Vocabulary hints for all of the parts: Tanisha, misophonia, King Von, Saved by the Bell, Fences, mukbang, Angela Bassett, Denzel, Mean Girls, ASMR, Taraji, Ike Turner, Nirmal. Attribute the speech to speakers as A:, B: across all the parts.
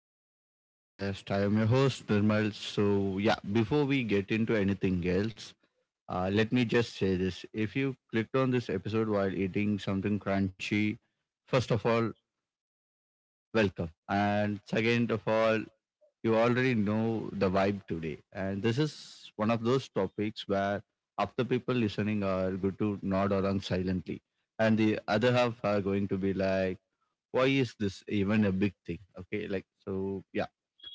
A: welcome to the podcast. I am your host Nirmal. So yeah, before we get into anything else, let me just say this. If you clicked on this episode while eating something crunchy, first of all, welcome. And second of all, you already know the vibe today. And this is one of those topics where after people listening are good to nod along silently. And the other half are going to be like, why is this even a big thing? Okay, like, so yeah,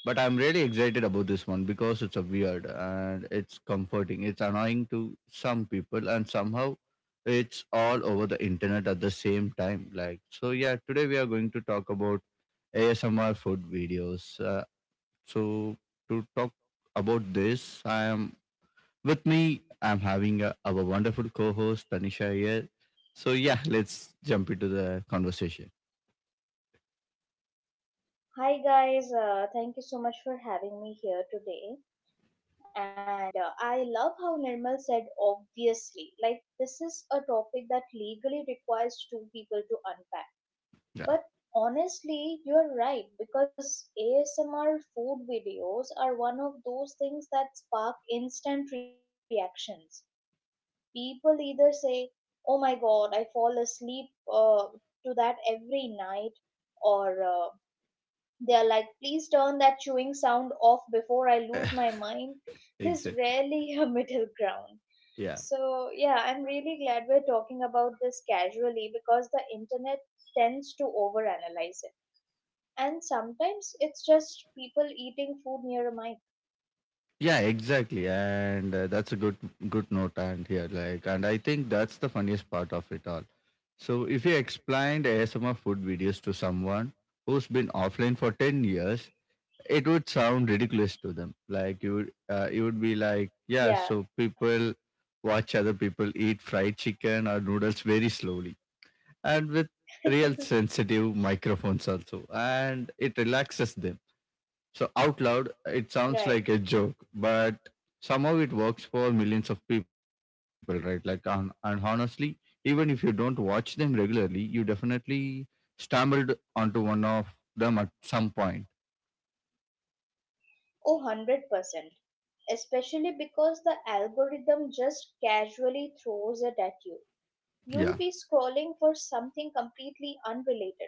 A: but I'm really excited about this one because it's a weird and it's comforting, it's annoying to some people, and somehow it's all over the internet at the same time. Like, so yeah, today we are going to talk about ASMR food videos. So to talk about this, I am with me I'm having our wonderful co-host Tanisha here. So yeah, let's jump into the conversation.
B: Hi guys, thank you so much for having me here today. And I love how Nirmal said obviously. Like this is a topic that legally requires two people to unpack.
A: Yeah.
B: But honestly, you're right because ASMR food videos are one of those things that spark instant reactions. People either say, "Oh my god, I fall asleep uh, to that every night," or they are like, please turn that chewing sound off before I lose my mind. There's
A: Exactly.
B: rarely a middle ground.
A: Yeah.
B: So, yeah, I'm really glad we're talking about this casually because the internet tends to overanalyze it. And sometimes it's just people eating food near a mic.
A: Yeah, exactly. And that's a good note and here. Like, and I think that's the funniest part of it all. So if you explained ASMR food videos to someone who's been offline for 10 years, it would sound ridiculous to them. Like, you would be like, yeah,
B: Yeah,
A: so people watch other people eat fried chicken or noodles very slowly and with real sensitive microphones also, and it relaxes them. So out loud, it
B: right.
A: sounds like a joke, but somehow it works for millions of people, right? Like, and honestly, even if you don't watch them regularly, you definitely stumbled onto one of them at some point.
B: Oh, 100%. Especially because the algorithm just casually throws it at you. You'll be
A: Yeah,
B: scrolling for something completely unrelated,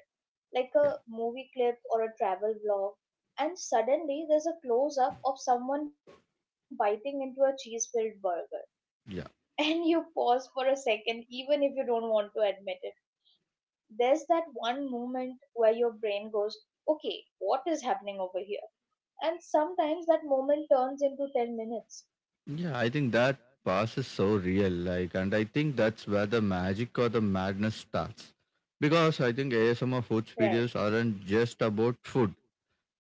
B: like
A: yeah,
B: a movie clip or a travel vlog, and suddenly there's a close up of someone biting into a cheese filled burger. And
A: yeah,
B: you pause for a second, even if you don't want to admit it. There's that one moment where your brain goes, okay, what is happening over here? And sometimes that moment turns into 10 minutes.
A: yeah. I think that pass is so real, like, and I think that's where the magic or the madness starts, because I think ASMR
B: Right.
A: foods videos aren't just about food.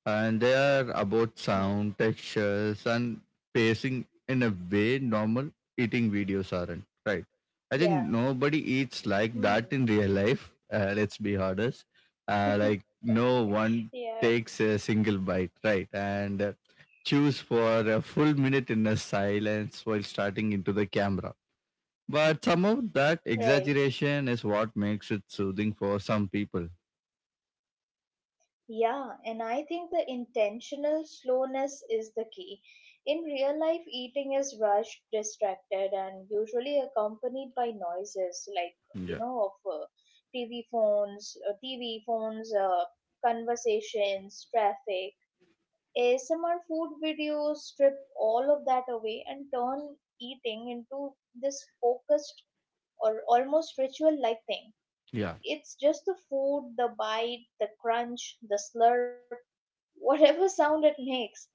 A: And they are about
B: Hmm.
A: sound, textures, and pacing in a way normal eating videos aren't. Right.
B: Yeah.
A: I think nobody eats like
B: Hmm.
A: that in real life. Let's be honest. Like, no one
B: Yeah.
A: takes a single bite, right? And choose for a full minute in a silence while starting into the camera. But some of that
B: Right.
A: exaggeration is what makes it soothing for some people.
B: Yeah, and I think the intentional slowness is the key. In real life, eating is rushed, distracted, and usually accompanied by noises like,
A: Yeah,
B: of TV phones, conversations, traffic. ASMR food videos strip all of that away and turn eating into this focused or almost ritual like thing.
A: yeah,
B: It's just the food, the bite, the crunch, the slurp whatever sound it makes.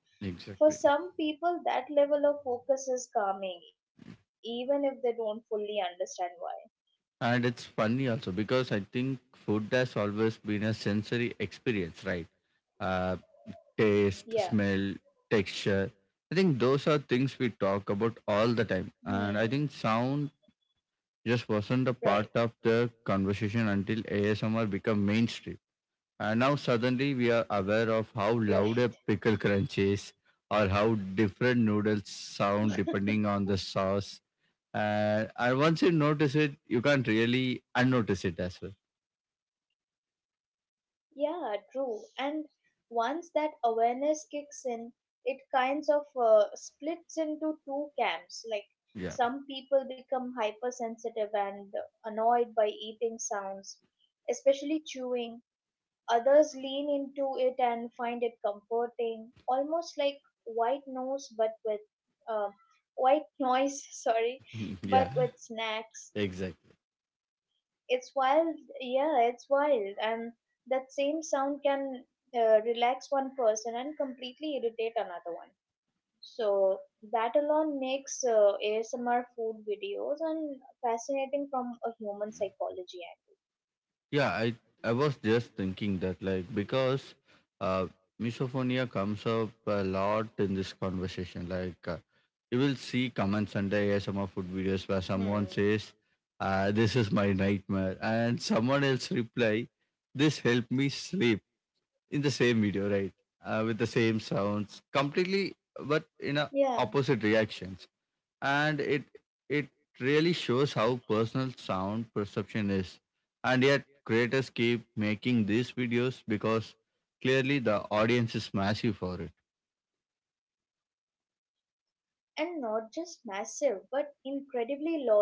B: For
A: exactly.
B: some people, that level of focus is calming, even if they don't fully understand why.
A: And it's funny also because I think food has always been a sensory experience, right? Uh,
B: Yeah.
A: Taste, smell, texture. I think those are things we talk about all the
B: Hmm.
A: time. And I think sound
B: Right.
A: just wasn't a part of the conversation until ASMR became mainstream. And now suddenly we are aware of
B: Right.
A: how loud a pickle crunch is or how different noodles sound depending on the sauce. And once you notice it, you can't really unnotice it as well.
B: Yeah, true. And once that awareness kicks in, it kinds of splits into two camps. Like
A: Yeah.
B: some people become hypersensitive and annoyed by eating sounds, especially chewing. Others lean into it and find it comforting, almost like white noise, but with uh, white noise. Sorry,
A: Yeah.
B: but with snacks.
A: Exactly.
B: It's wild. Yeah, it's wild, and that same sound can relax one person and completely irritate another one. So that alone makes ASMR food videos and fascinating from a human psychology
A: Yeah. I was just thinking that, like, because uh, misophonia comes up a lot in this conversation. Like, you will see comments under
B: angle. Hmm.
A: ASMR food videos where someone says, "This is my nightmare," and someone else reply, "This helped me sleep." In the same video, right? With the same sounds, completely,
B: Yeah.
A: but in a opposite reactions. And it really shows how personal sound perception is, and yet creators keep making these videos because clearly the audience is massive for it.
B: And not just massive but incredibly loyal.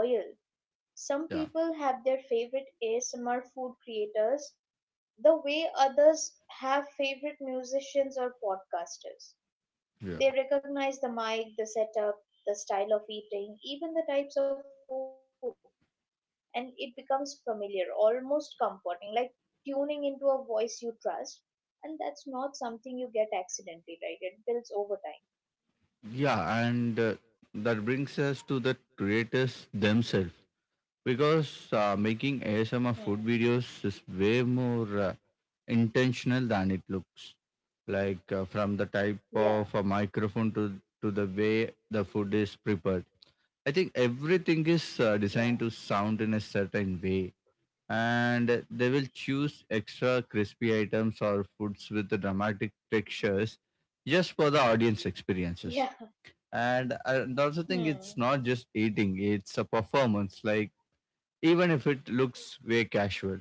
B: Some people
A: yeah
B: have their favorite ASMR food creators the way others have favorite musicians or podcasters.
A: yeah
B: They recognize the mic, the setup, the style of eating, even the types of food, and it becomes familiar, almost comforting, like tuning into a voice you trust. And that's not something you get accidentally, right? It builds over time.
A: yeah And that brings us to the creators themselves because making
B: Hmm.
A: ASMR food videos is way more intentional than it looks. Like, from the type
B: Yeah,
A: of a microphone to the way the food is prepared, I think everything is designed
B: yeah,
A: to sound in a certain way, and they will choose extra crispy items or foods with the dramatic textures just for the audience experiences.
B: yeah.
A: And I and also think
B: Hmm.
A: it's not just eating; it's a performance. Like, even if it looks way casual.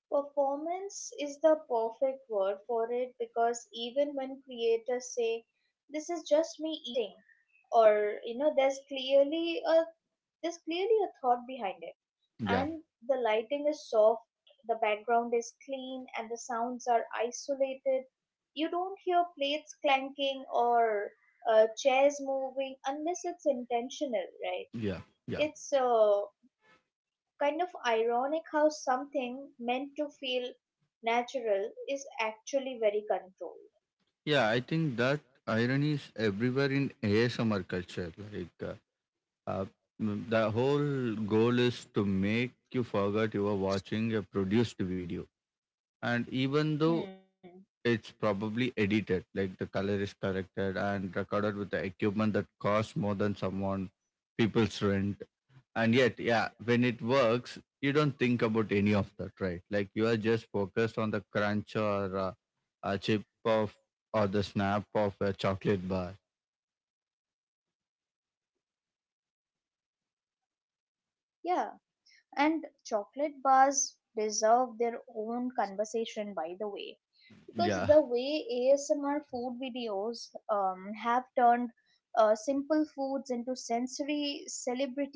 B: Performance is the perfect word for it because even when creators say, "This is just me eating," or there's clearly a thought behind it.
A: Yeah,
B: And the lighting is soft, the background is clean, and the sounds are isolated. You don't hear plates clanking or chairs moving unless it's intentional, right?
A: yeah, yeah,
B: It's kind of ironic how something meant to feel natural is actually very controlled.
A: yeah. I think that irony is everywhere in ASMR culture. Like. Uh, the whole goal is to make you forget you are watching a produced video. And even though
B: Hmm.
A: it's probably edited, like the color is corrected and recorded with the equipment that costs more than someone people's rent. And yet, yeah, when it works, you don't think about any of that, right? Like, you are just focused on the crunch or a chip of or the snap of a chocolate bar.
B: Yeah, and chocolate bars deserve their own conversation, by the way, because the way
A: Yeah,
B: ASMR food videos have turned simple foods into sensory celebrities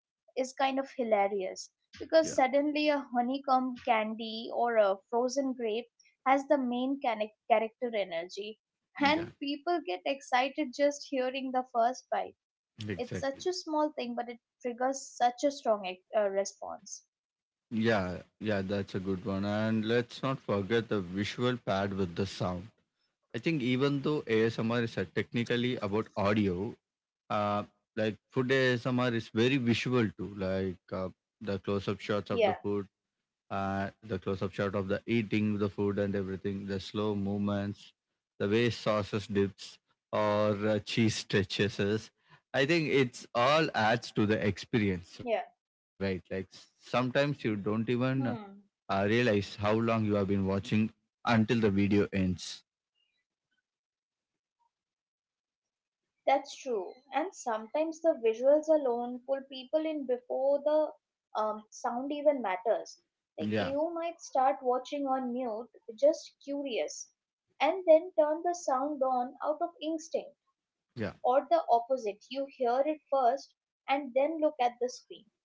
B: is kind of hilarious because
A: yeah,
B: suddenly a honeycomb candy or a frozen grape has the main character energy, and
A: yeah,
B: people get excited just hearing the first bite. It's
A: exactly.
B: such a small thing, but it triggers such a strong response.
A: Yeah, yeah, that's a good one. And let's not forget the visual paired with the sound. I think even though ASMR is technically about audio, uh, like food
B: Yeah,
A: ASMR is very visual too. Like, the close-up shots of the food, the close-up shot of the eating the food and everything, the slow movements, the way sauces dips or cheese stretches. I think it's all adds to the
B: yeah.
A: experience, right? Like, sometimes you don't even
B: Hmm.
A: realize how long you have been watching until the video ends.
B: That's true. And sometimes the visuals alone pull people in before the sound even matters. Like
A: Yeah,
B: you might start watching on mute, just curious, and then turn the sound on out of instinct,
A: yeah,
B: or the opposite. You hear it first and then look at the screen.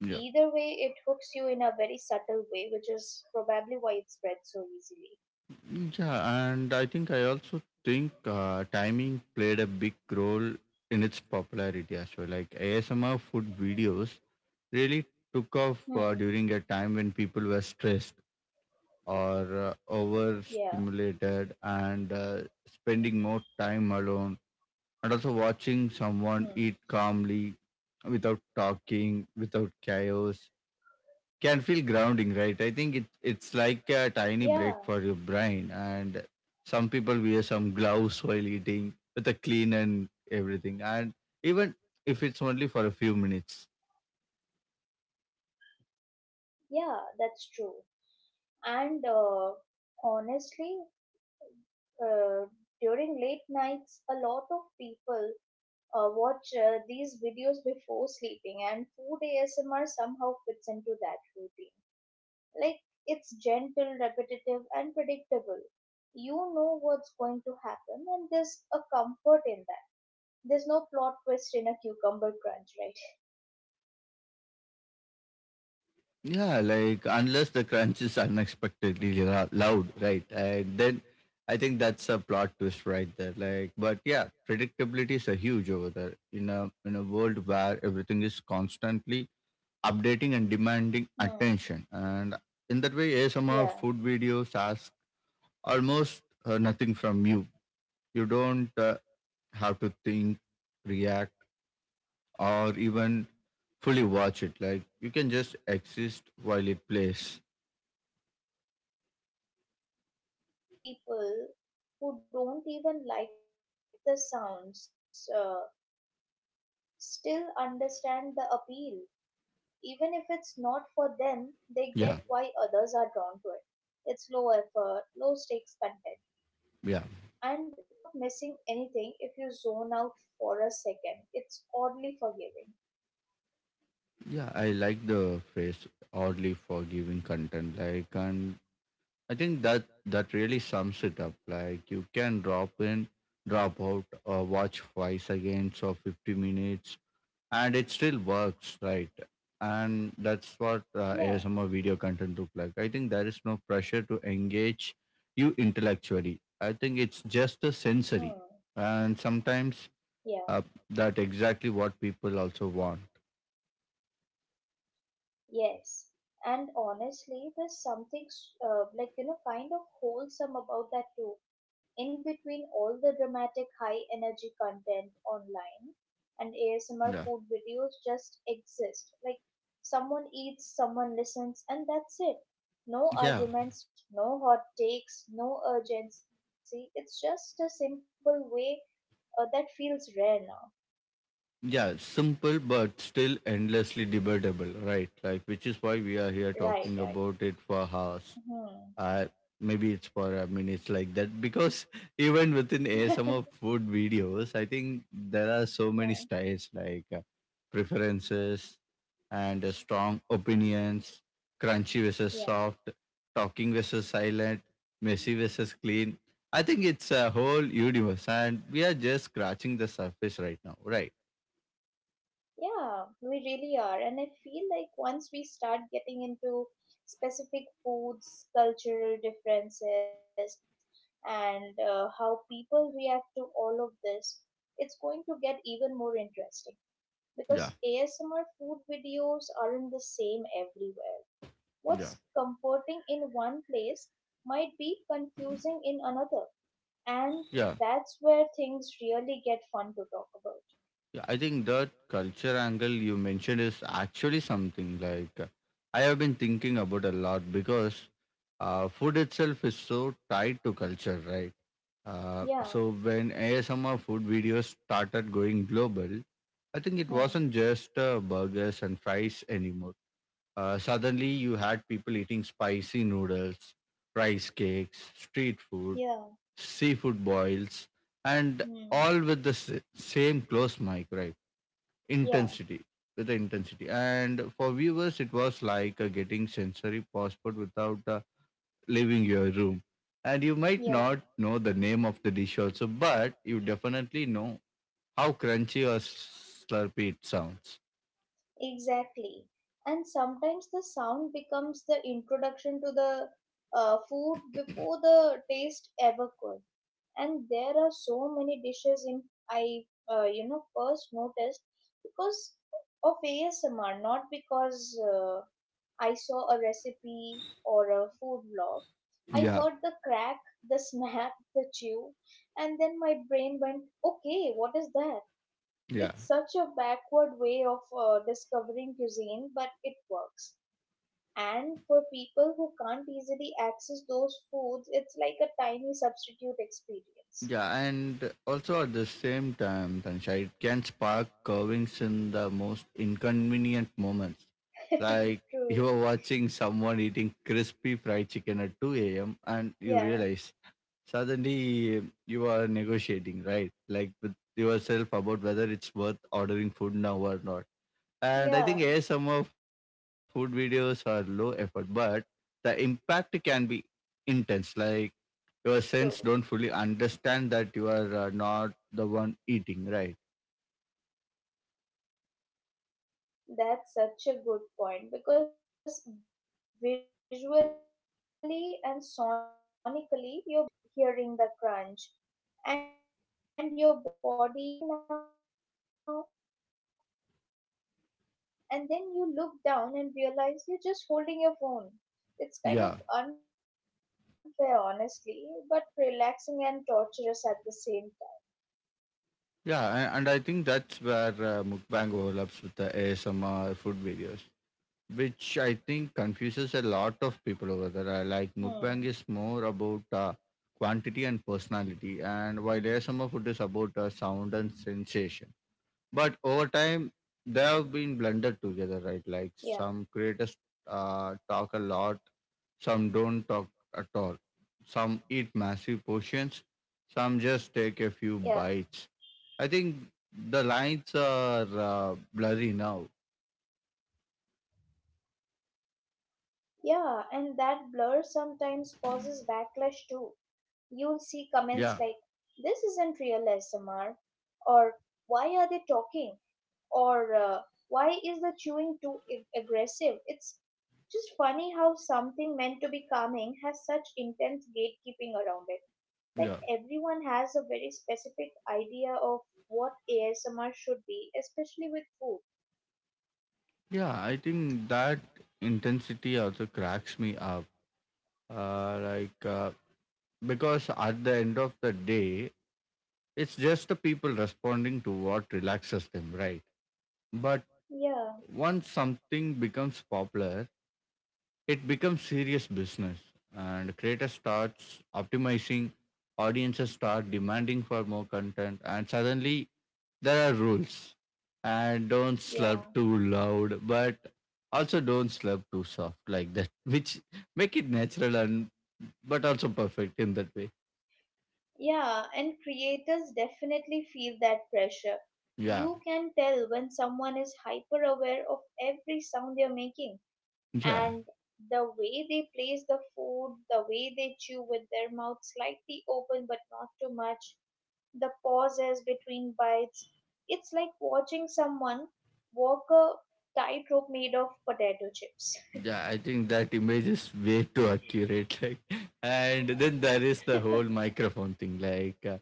A: yeah,
B: Either way, it hooks you in a very subtle way, which is probably why it spreads so easily.
A: yeah. And I also think timing played a big role in its popularity as well. Like, ASMR food videos really took off during a
B: Hmm.
A: time when people were stressed or
B: Yeah.
A: overstimulated and spending more time alone, and also watching someone
B: Hmm.
A: eat calmly without talking, without chaos, can feel grounding, right? I think it's like a tiny break
B: Yeah.
A: for your brain. And some people wear some gloves while eating with a clean and everything. And even if it's only for a few minutes.
B: Yeah. That's true. And honestly, uh, during late nights, a lot of people watch these videos before sleeping, and food ASMR somehow fits into that routine. Like, it's gentle, repetitive, and predictable. You know what's going to happen, and there's a comfort in that. There's no plot twist in a cucumber crunch, right?
A: Yeah, like, unless the crunch is unexpectedly loud, right? And then I think that's a plot twist right there. Like, but yeah, predictability is a huge over there in a world where everything is constantly updating and demanding
B: Hmm.
A: attention. And in that way, ASMR
B: Yeah.
A: food videos ask almost nothing from you. You don't have to think, react, or even fully watch it. Like, you can just exist while it plays.
B: And that's probably why some people who don't even like the sounds still understand the appeal. Even if it's not for them, they get why others are drawn
A: Yeah,
B: to it. It's low effort, low stakes content. And you're
A: yeah,
B: not missing anything if you zone out for a second. It's oddly forgiving.
A: yeah. I like the phrase oddly forgiving content. Like, and I think that really sums it up. Like, you can drop in, drop out, or watch twice again, so 50 minutes, and it still works, right? And that's what
B: Yeah.
A: ASMR video content look like. I think there is no pressure to engage you intellectually. I think it's just a
B: Hmm.
A: sensory, and sometimes
B: Yeah.
A: uh, that exactly what people also want.
B: Yes. And honestly, there's something, kind of wholesome about that too, in between all the dramatic high energy content online, and
A: yeah
B: ASMR food videos just exist. Like someone eats, someone listens, and that's it. No
A: yeah
B: arguments, no hot takes, no urgency. It's just a simple way that feels rare now.
A: yeah, simple but still endlessly debatable, right? Like, which is why we are
B: Right,
A: here
B: right.
A: talking about it for hours.
B: Hmm.
A: Uh, Maybe it's for a minute like that because even within ASMR food videos, I think there are so
B: Yeah.
A: many styles, like
B: Mhm.
A: preferences and strong opinions, crunchy versus soft, talking versus silent, messy versus clean. I think it's a whole universe, and we are just scratching the surface right now, right?
B: Yeah, we really are. And I feel like once we start getting into specific foods, cultural differences, and how people react to all of this, it's going to get even more interesting because
A: Yeah,
B: ASMR food videos aren't the same everywhere. What's
A: yeah.
B: comforting in one place might be confusing in another, and
A: Yeah.
B: that's where things really get fun to talk about.
A: Yeah, I think that culture angle you mentioned is actually something, like, I have been thinking about a lot because food itself is so tied to culture, right?
B: Yeah,
A: So when ASMR food videos started going global, I think it
B: hmm,
A: wasn't just burgers and fries anymore. Suddenly, you had people eating spicy noodles, rice cakes, street food,
B: yeah.
A: seafood boils, and
B: Hmm.
A: all with the same close mic, right?
B: Yeah,
A: Intensity with the intensity, and for viewers it was like getting sensory passport without leaving your room. And you might
B: yeah,
A: not know the name of the dish also, but you definitely know how crunchy or slurpy it sounds.
B: exactly. And sometimes the sound becomes the introduction to the food before the taste ever could. And there are so many dishes in I, first noticed because of ASMR, not because I saw a recipe or a food blog. I
A: yeah
B: heard the crack, the snap, the chew, and then my brain went, okay, what is that?
A: yeah
B: It's such a backward way of discovering cuisine, but it works. And for people who can't easily access those foods, it's like a tiny substitute experience.
A: yeah. And also at the same time, Tansha, it can spark curvings in the most inconvenient moments. Like, you are
B: True.
A: watching someone eating crispy fried chicken at 2 a.m. and you realize
B: Yeah.
A: suddenly you are negotiating, right? Like, with yourself about whether it's worth ordering food now or not. And I think ASMR food
B: Yeah.
A: videos are low effort, but the impact can be intense. Like, your sense don't fully understand that you are
B: True.
A: not the one eating, right?
B: That's such a good point because visually and sonically, your brain is halfway there. You see, you're seeing the bite, hearing the crunch, and your body reacts like, oh, we're eating now. And then you look down and realize you're just holding your phone. It's kind of
A: Yeah.
B: unfair honestly, but relaxing and torturous at the same
A: And I think that's where mukbang overlaps with the ASMR food videos, which I think confuses a lot
B: time.
A: of
B: Hmm.
A: people over there. I like mukbang is more about quantity and personality, and while ASMR food is about sound and sensation. But over time, they have been
B: Yeah,
A: blended together, right? Like, some creators talk a lot, some don't talk at all, some eat massive portions, some
B: yeah,
A: just take a few bites. I think the lines are blurry now.
B: yeah, and that blur sometimes causes backlash too. You'll see
A: Yeah,
B: comments like, this isn't real smr, or why are they talking, or why is the chewing too aggressive? It's just funny how something meant to be calming has such intense gatekeeping around it. Like
A: yeah.
B: everyone has a very specific idea of what ASMR should be, especially with food.
A: Yeah, I think that intensity also cracks me up. Uh, like, uh, because at the end of the day, it's just the people responding to what relaxes them, right? But
B: Yeah,
A: once something becomes popular, it becomes serious business, and creators starts optimizing, audiences start demanding for more content, and suddenly there are rules. And don't slurp
B: yeah,
A: too loud, but also don't slurp too soft like that, which make it natural and but also perfect in that way.
B: yeah, and creators definitely feel that pressure.
A: Yeah.
B: You can tell when someone is hyper aware of every sound they're making,
A: Yeah.
B: and the way they place the food, the way they chew with their mouth slightly open but not too much, the pauses between bites. It's like watching someone walk a tightrope made of potato chips.
A: Yeah, I think that image is way too accurate. Like, and then there is the whole microphone thing.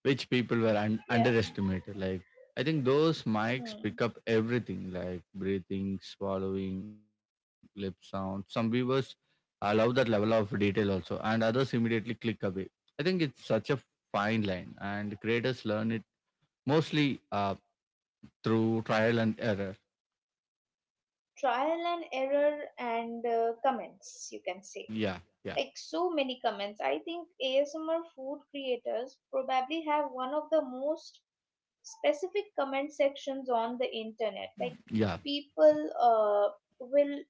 B: Yeah.
A: Which people were underestimated. Like, I think
B: Hmm.
A: those mics pick up everything like breathing, swallowing, lip sound. Some viewers allow that level of detail also, and others immediately click away. I think it's such a fine line, and creators learn it mostly through trial and error.
B: Trial and error and comments, you can say.
A: Yeah, yeah,
B: Like so many comments. I think ASMR food creators probably have one of the most specific comment sections on the internet. Like
A: yeah,
B: people uh, will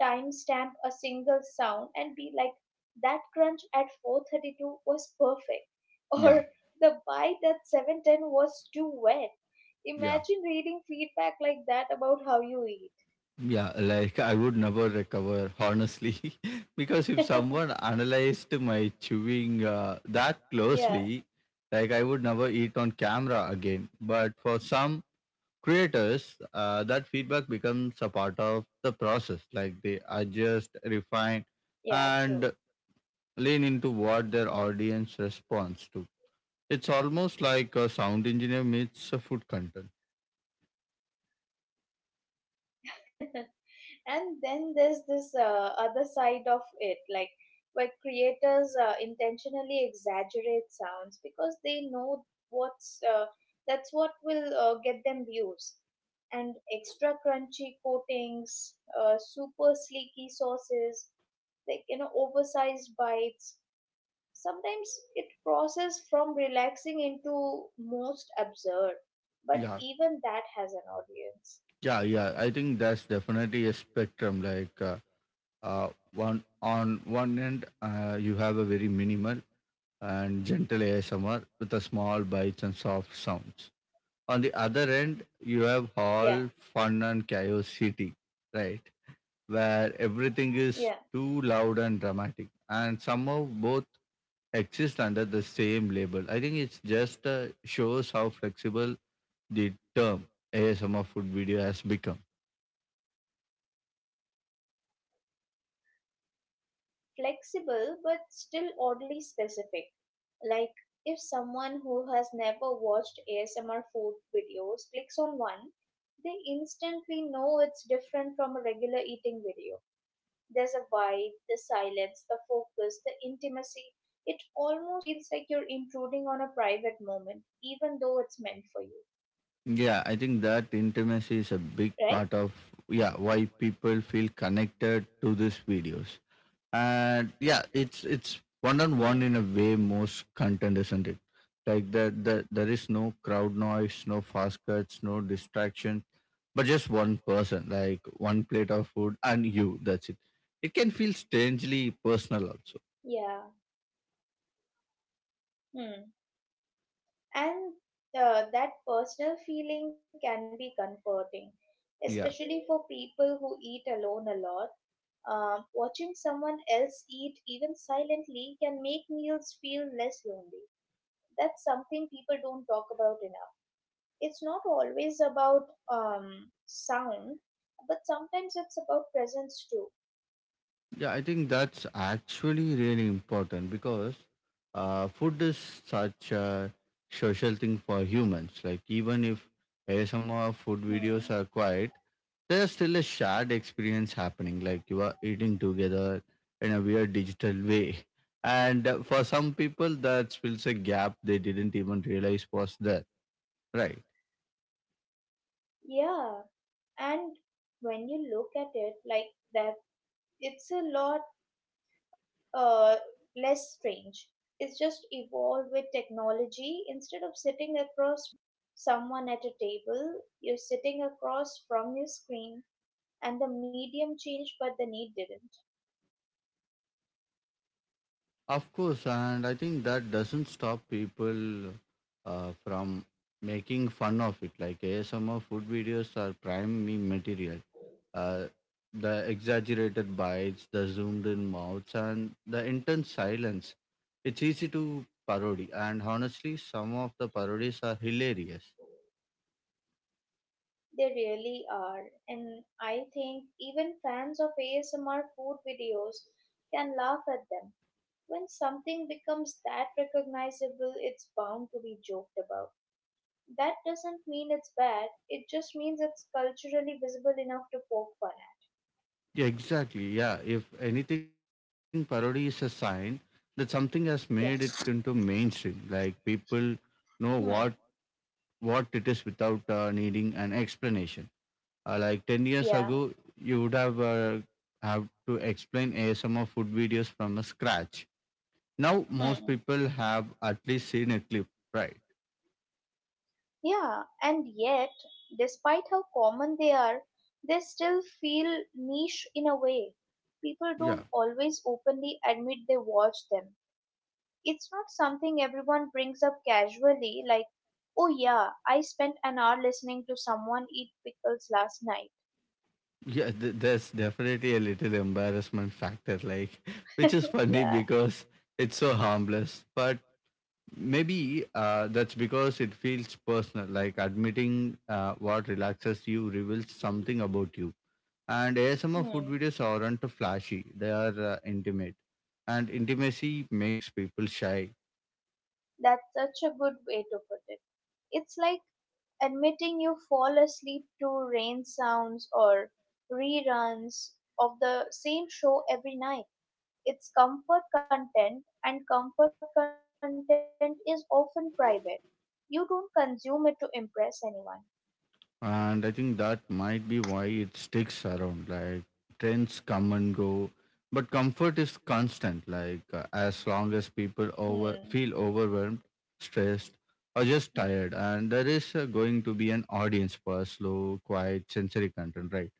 B: timestamp a single sound and be like, that crunch at 4:32 was perfect,
A: yeah,
B: or the bite at 7:10 was too wet.
A: yeah.
B: Imagine reading feedback like that about how you eat.
A: Yeah, like I would never recover, honestly, because if someone analyzed my chewing that
B: Yeah,
A: closely, like I would never eat on camera again. But for some creators, that feedback becomes a part of the process. Like they adjust, refine,
B: yeah, true.
A: and lean into
B: Hmm.
A: what their audience responds to. It's almost like a sound engineer meets a food content.
B: And then there's this other side of it, like where creators intentionally exaggerate sounds because they know what's that's what will get them views, and extra crunchy coatings, super sleeky sauces, like oversized bites. Sometimes it crosses from relaxing into most absurd, but
A: Yeah,
B: even that has an audience.
A: yeah. I think that's definitely a spectrum. Uh, one on one end, you have a very minimal and gentle ASMR with a small bites and soft sounds. On the other end, you have all
B: Yeah,
A: fun and chaos city, right? Where everything is too
B: yeah.
A: loud and dramatic, and somehow both exist under the same label. I think it's just shows how flexible the term ASMR food video has become.
B: Flexible but still oddly specific. Like if someone who has never watched ASMR food videos clicks on one, they instantly know it's different from a regular eating video. There's a vibe, the silence, the focus, the intimacy. It almost feels like you're intruding on a private moment, even though it's meant for you,
A: Yeah, I think that intimacy is a big
B: right?
A: part of yeah why people feel connected to these videos. And yeah, it's one on one
B: Hmm.
A: in a way most content, isn't it? Like the there is no crowd noise, no fast cuts, no distraction, but just one person, like one plate of food and you. That's it. It can feel strangely personal also.
B: Yeah. Hmm. And that personal feeling can be comforting,
A: Yeah.
B: especially for people who eat alone a lot. Watching someone else eat, even silently, can make meals feel less lonely. That's something people don't talk about enough. It's not always about sound, but sometimes it's about presence too.
A: Yeah, I think that's actually really important because food is such a social thing for humans. Like even if ASMR food videos are
B: Hmm.
A: quiet, there's still a shared experience happening. Like you are eating together in a weird digital way, and for some people that fills a gap they didn't even realize was there. Right.
B: Yeah, and when you look at it like that, it's a lot uh, less strange. It's just evolved with technology. Instead of sitting across from someone at a table, you're sitting across from your screen, and the medium changed, but the need didn't.
A: Of course, and I think that doesn't stop people from making fun of it. Like ASMR food videos are prime meme material. Uh, the exaggerated bites, the zoomed in mouths, and the intense silence. It's easy to parody, and honestly, some of the parodies are hilarious.
B: They really are. And I think even fans of ASMR food videos can laugh at them. When something becomes that recognizable, it's bound to be joked about. That doesn't mean it's bad. It just means it's culturally visible enough to poke fun at.
A: Yeah, exactly. Yeah, if anything, parody is a sign that something has made it
B: Yeah.
A: into mainstream. Like people know what
B: Hmm.
A: what it is without needing an explanation. Like 10 years
B: Yeah.
A: ago, you would have to explain ASMR food videos from a scratch. Now, most
B: Hmm.
A: people have at least seen a clip, right?
B: Yeah. And yet, despite how common they are, they still feel niche in a way. People
A: Yeah.
B: don't always openly admit they watch them. It's not something everyone brings up casually, like, oh yeah, I spent an hour listening to someone eat pickles last night.
A: Yeah, there's definitely a little embarrassment factor, like, which is funny
B: Yeah.
A: because it's so harmless. But maybe that's because it feels personal, like admitting what relaxes you reveals something about you. And ASMR food
B: Hmm.
A: videos aren't flashy, they are intimate. And intimacy makes people shy.
B: That's such a good way to put it. It's like admitting you fall asleep to rain sounds or reruns of the same show every night. It's comfort content, and comfort content is often private. You don't consume it to impress anyone.
A: And I think that might be why it sticks around. Like trends come and go, but comfort is constant. Like as long as people over
B: Hmm.
A: feel overwhelmed, stressed, or just
B: Hmm.
A: tired, and there is going to be an audience for slow, quiet, sensory content, right?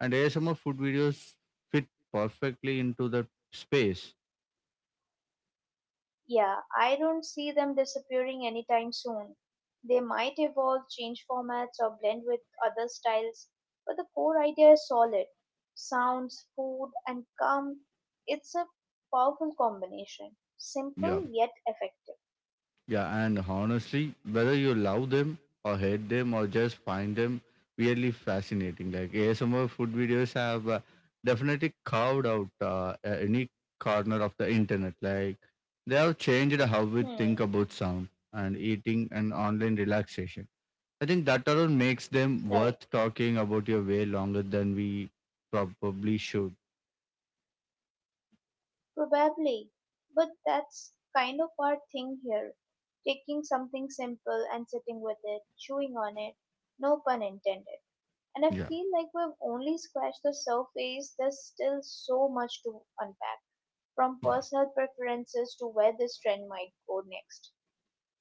A: And ASMR food videos fit perfectly into the space.
B: Yeah, I don't see them disappearing anytime soon. They might evolve, change formats, or blend with other styles, but the core idea is solid. Sounds, food, and calm. It's a powerful combination.
A: Yeah,
B: Simple yet effective.
A: Yeah, and honestly, whether you love them or hate them or just find them really fascinating, like ASMR food videos have definitely carved out any corner of the internet. Like they have changed how we
B: Hmm,
A: think about sound and eating and online relaxation. I think that alone makes them
B: right.
A: worth talking about your way longer than we probably should.
B: Probably. But that's kind of our thing here. Taking something simple and sitting with it, chewing on it. No pun intended. And I
A: Yeah.
B: feel like we've only scratched the surface. There's still so much to unpack, from
A: Yeah.
B: personal preferences to where this trend might go next.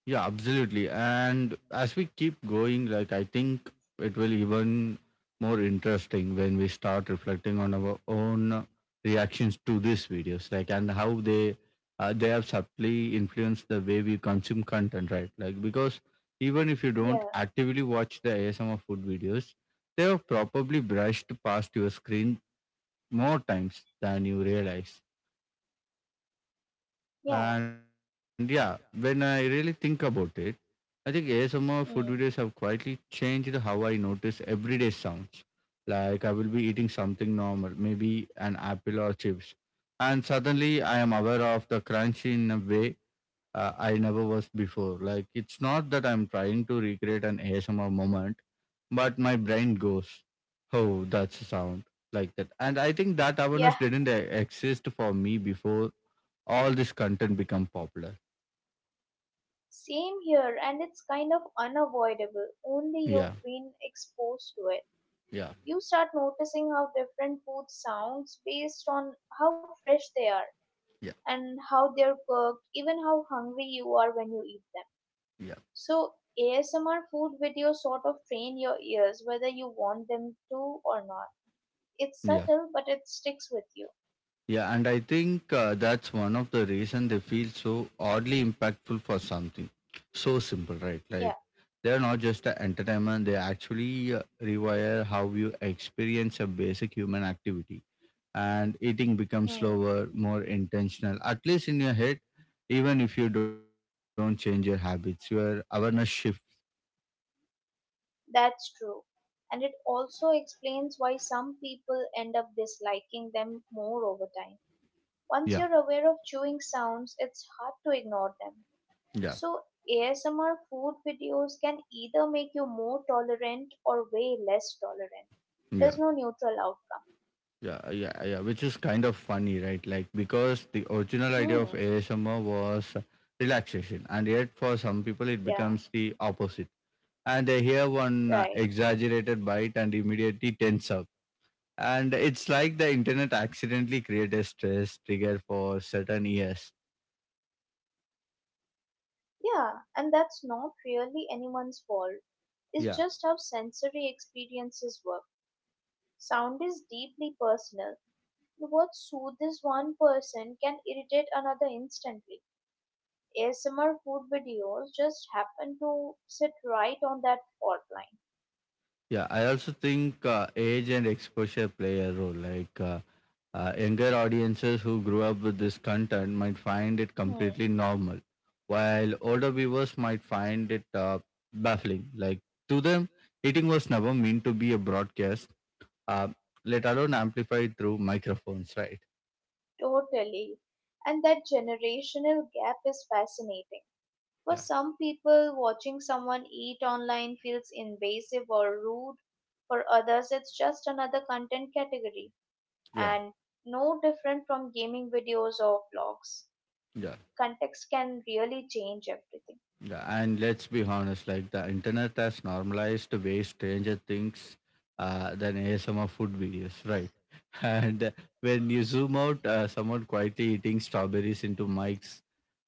A: Yeah, absolutely. And as we keep going, like I think it will even more interesting when we start reflecting on our own reactions to these videos, like and how they have subtly influenced the way we consume content, right? Like because even if you don't
B: Yeah,
A: actively watch the ASMR food videos, they have probably brushed past your screen more times than you realize.
B: yeah,
A: And yeah, when I really think about it I think ASMR food
B: mm,
A: videos have quietly changed how I notice everyday sounds. Like I will be eating something normal, maybe an apple or chips, and suddenly I am aware of the crunch in a way I never was before. Like it's not that I'm trying to recreate an ASMR moment, but my brain goes, "Oh, that's a sound like that." And I think that awareness
B: yeah.
A: didn't exist for me before all this content become popular.
B: Same here, and it's kind of unavoidable. Only
A: Yeah,
B: you've been exposed to it.
A: yeah,
B: You start noticing how different food sounds based on how fresh they are
A: yeah,
B: and how they're cooked, even how hungry you are when you eat them.
A: yeah,
B: So ASMR food videos sort of train your ears whether you want them to or not. It's
A: yeah.
B: subtle, but it sticks with you.
A: Yeah, and I think that's one of the reason they feel so oddly impactful for something so simple, right?
B: Yeah,
A: Like they're not just a entertainment; they actually rewire how you experience a basic human activity, and eating becomes
B: hmm,
A: slower, more intentional. At least in your head, even if you don't change your habits, your awareness shift.
B: that's true. And it also explains why some people end up disliking them more over time.
A: Yeah,
B: Once you're aware of chewing sounds, it's hard to ignore them.
A: yeah,
B: So, ASMR food videos can either make you more tolerant or way less tolerant.
A: yeah.
B: There's no neutral outcome.
A: Yeah, which is kind of funny, right? Like, because the original idea of
B: Hmm,
A: ASMR was relaxation, and yet for some people it
B: yeah,
A: becomes the opposite. And they hear one
B: right.
A: exaggerated bite and immediately tense up. And it's like the internet accidentally created a stress trigger for certain ears.
B: Yeah, and that's not really anyone's fault. It's
A: Yeah,
B: just how sensory experiences work. Sound is deeply personal. What soothes one person can irritate another instantly. ASMR food videos just happen to sit right on that fault line.
A: yeah. I also think age and exposure play a role. Younger audiences who grew up with this content might find it completely
B: Hmm,
A: normal, while
B: hmm,
A: older viewers might find it baffling. Like to them, eating was never meant to be a broadcast, uh, let alone amplified through microphones, right?
B: totally. And that generational gap is fascinating. For
A: Yeah,
B: some people, watching someone eat online feels invasive or rude. For others, it's just another content category
A: yeah,
B: and no different from gaming videos or vlogs.
A: yeah,
B: Context can really change everything.
A: yeah. And let's be honest, like the internet has normalized way Stranger Things than ASMR food videos, right? And when you zoom out, someone quietly eating strawberries into mics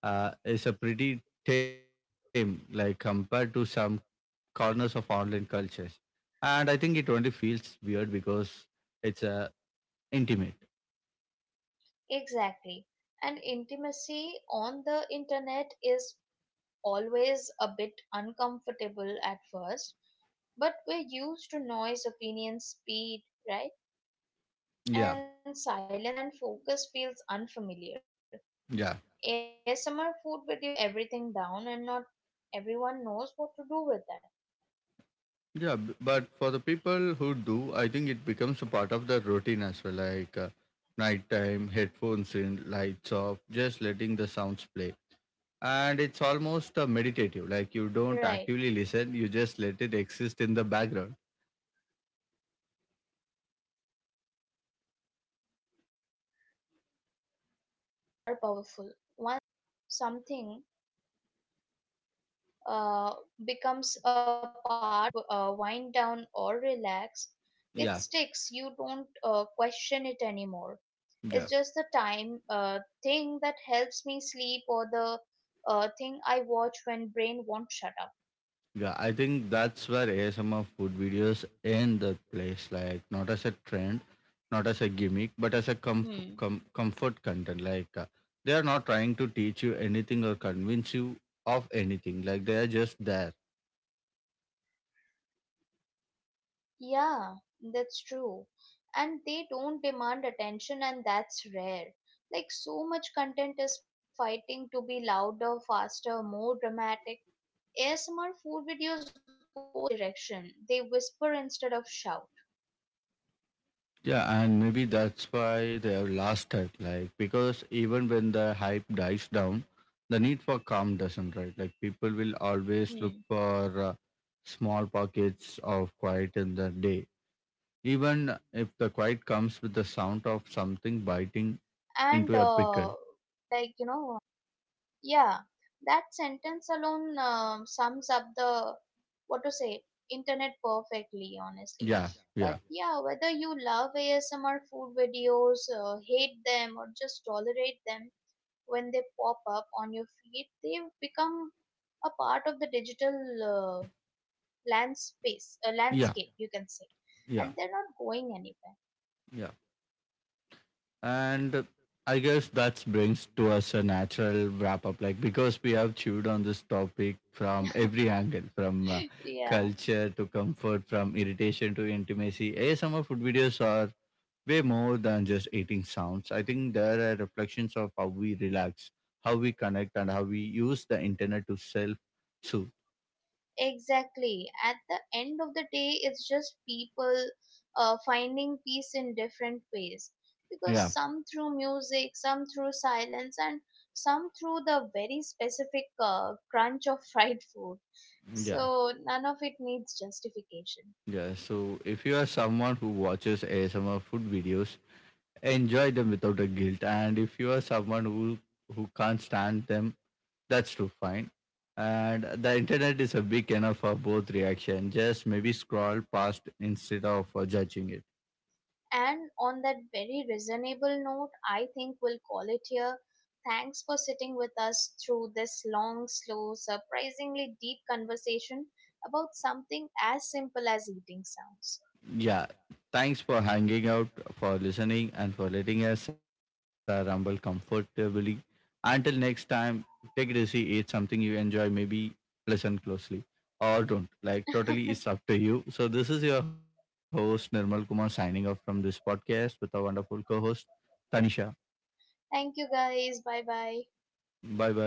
A: is a pretty tame, like compared to some corners of online cultures. And I think it only feels weird because it's intimate.
B: Exactly. And intimacy on the internet is always a bit uncomfortable at first, but we're used to noise, opinion, speed, right?
A: Yeah,
B: And silence and focus feels unfamiliar.
A: yeah,
B: ASMR food videos slow everything down, and not everyone knows what to do with that.
A: But for the people who do, I think it becomes a part of the routine as well, like nighttime, headphones in, lights off, just letting the sounds play and it's almost
B: Right.
A: meditative like you don't actively listen you just let it exist in the background
B: And routines are powerful. Once something uh, becomes a part of how you wind down or relax, it
A: yeah
B: sticks. You don't question it anymore. It's
A: yeah
B: just the time thing that helps me sleep or the thing I watch when brain won't shut up.
A: yeah I think that's where asmr food videos end the place like not as a trend not as a gimmick but as a
B: Hmm.
A: comfort content like they are not trying to teach you anything or convince you of anything like they are just there
B: Yeah, that's true. And they don't demand attention, and that's rare. Like, so much content is fighting to be louder, faster, more dramatic. ASMR food videos go the opposite direction. They whisper instead of shout.
A: Yeah, and maybe that's why they have lost it. Like because even when the hype dies down, the need for calm doesn't, right? Like
B: Hmm.
A: people will always look for small pockets of quiet
B: Yeah,
A: in the day,
B: and
A: even if the quiet comes with the sound of something
B: like,
A: biting into a pickle.
B: yeah, that sentence alone sums up the what to say internet perfectly, honestly.
A: Yeah, yeah,
B: But yeah, whether you love ASMR food videos, hate them, or just tolerate them when they pop up on your feed, they've become a part of the digital uh,
A: yeah,
B: landscape, you can say,
A: yeah,
B: and they're not going anywhere.
A: yeah. And I guess that brings to us a natural wrap up, like because we have chewed on this topic from every angle, from
B: Yeah.
A: culture to comfort, from irritation to intimacy. ASMR food videos are way more than just eating sounds. I think there are reflections of how we relax, how we connect, and how we use the internet to self soothe.
B: Exactly. At the end of the day, it's just people finding peace in different ways. Because
A: Yeah,
B: some through music, some through silence, and some through the very specific crunch of fried food.
A: yeah,
B: So none of it needs justification.
A: yeah. So if you are someone who watches ASMR food videos, enjoy them without a guilt. And if you are someone who can't stand them, that's too fine. And the internet is a big enough for both reaction. Just maybe scroll past instead of judging it.
B: And on that very reasonable note, I think we'll call it here. Thanks for sitting with us through this long, slow, surprisingly deep conversation about something as simple as eating sounds.
A: Yeah, thanks for hanging out, for listening, and for letting us rumble comfortably. Until next time, take it easy, eat something you enjoy, maybe listen closely or don't. Like, totally, it's up to you. So, this is your host, Nirmal Kumar, signing off from this podcast with our wonderful co host, Tanisha.
B: Thank you guys. Bye bye.
A: Bye bye.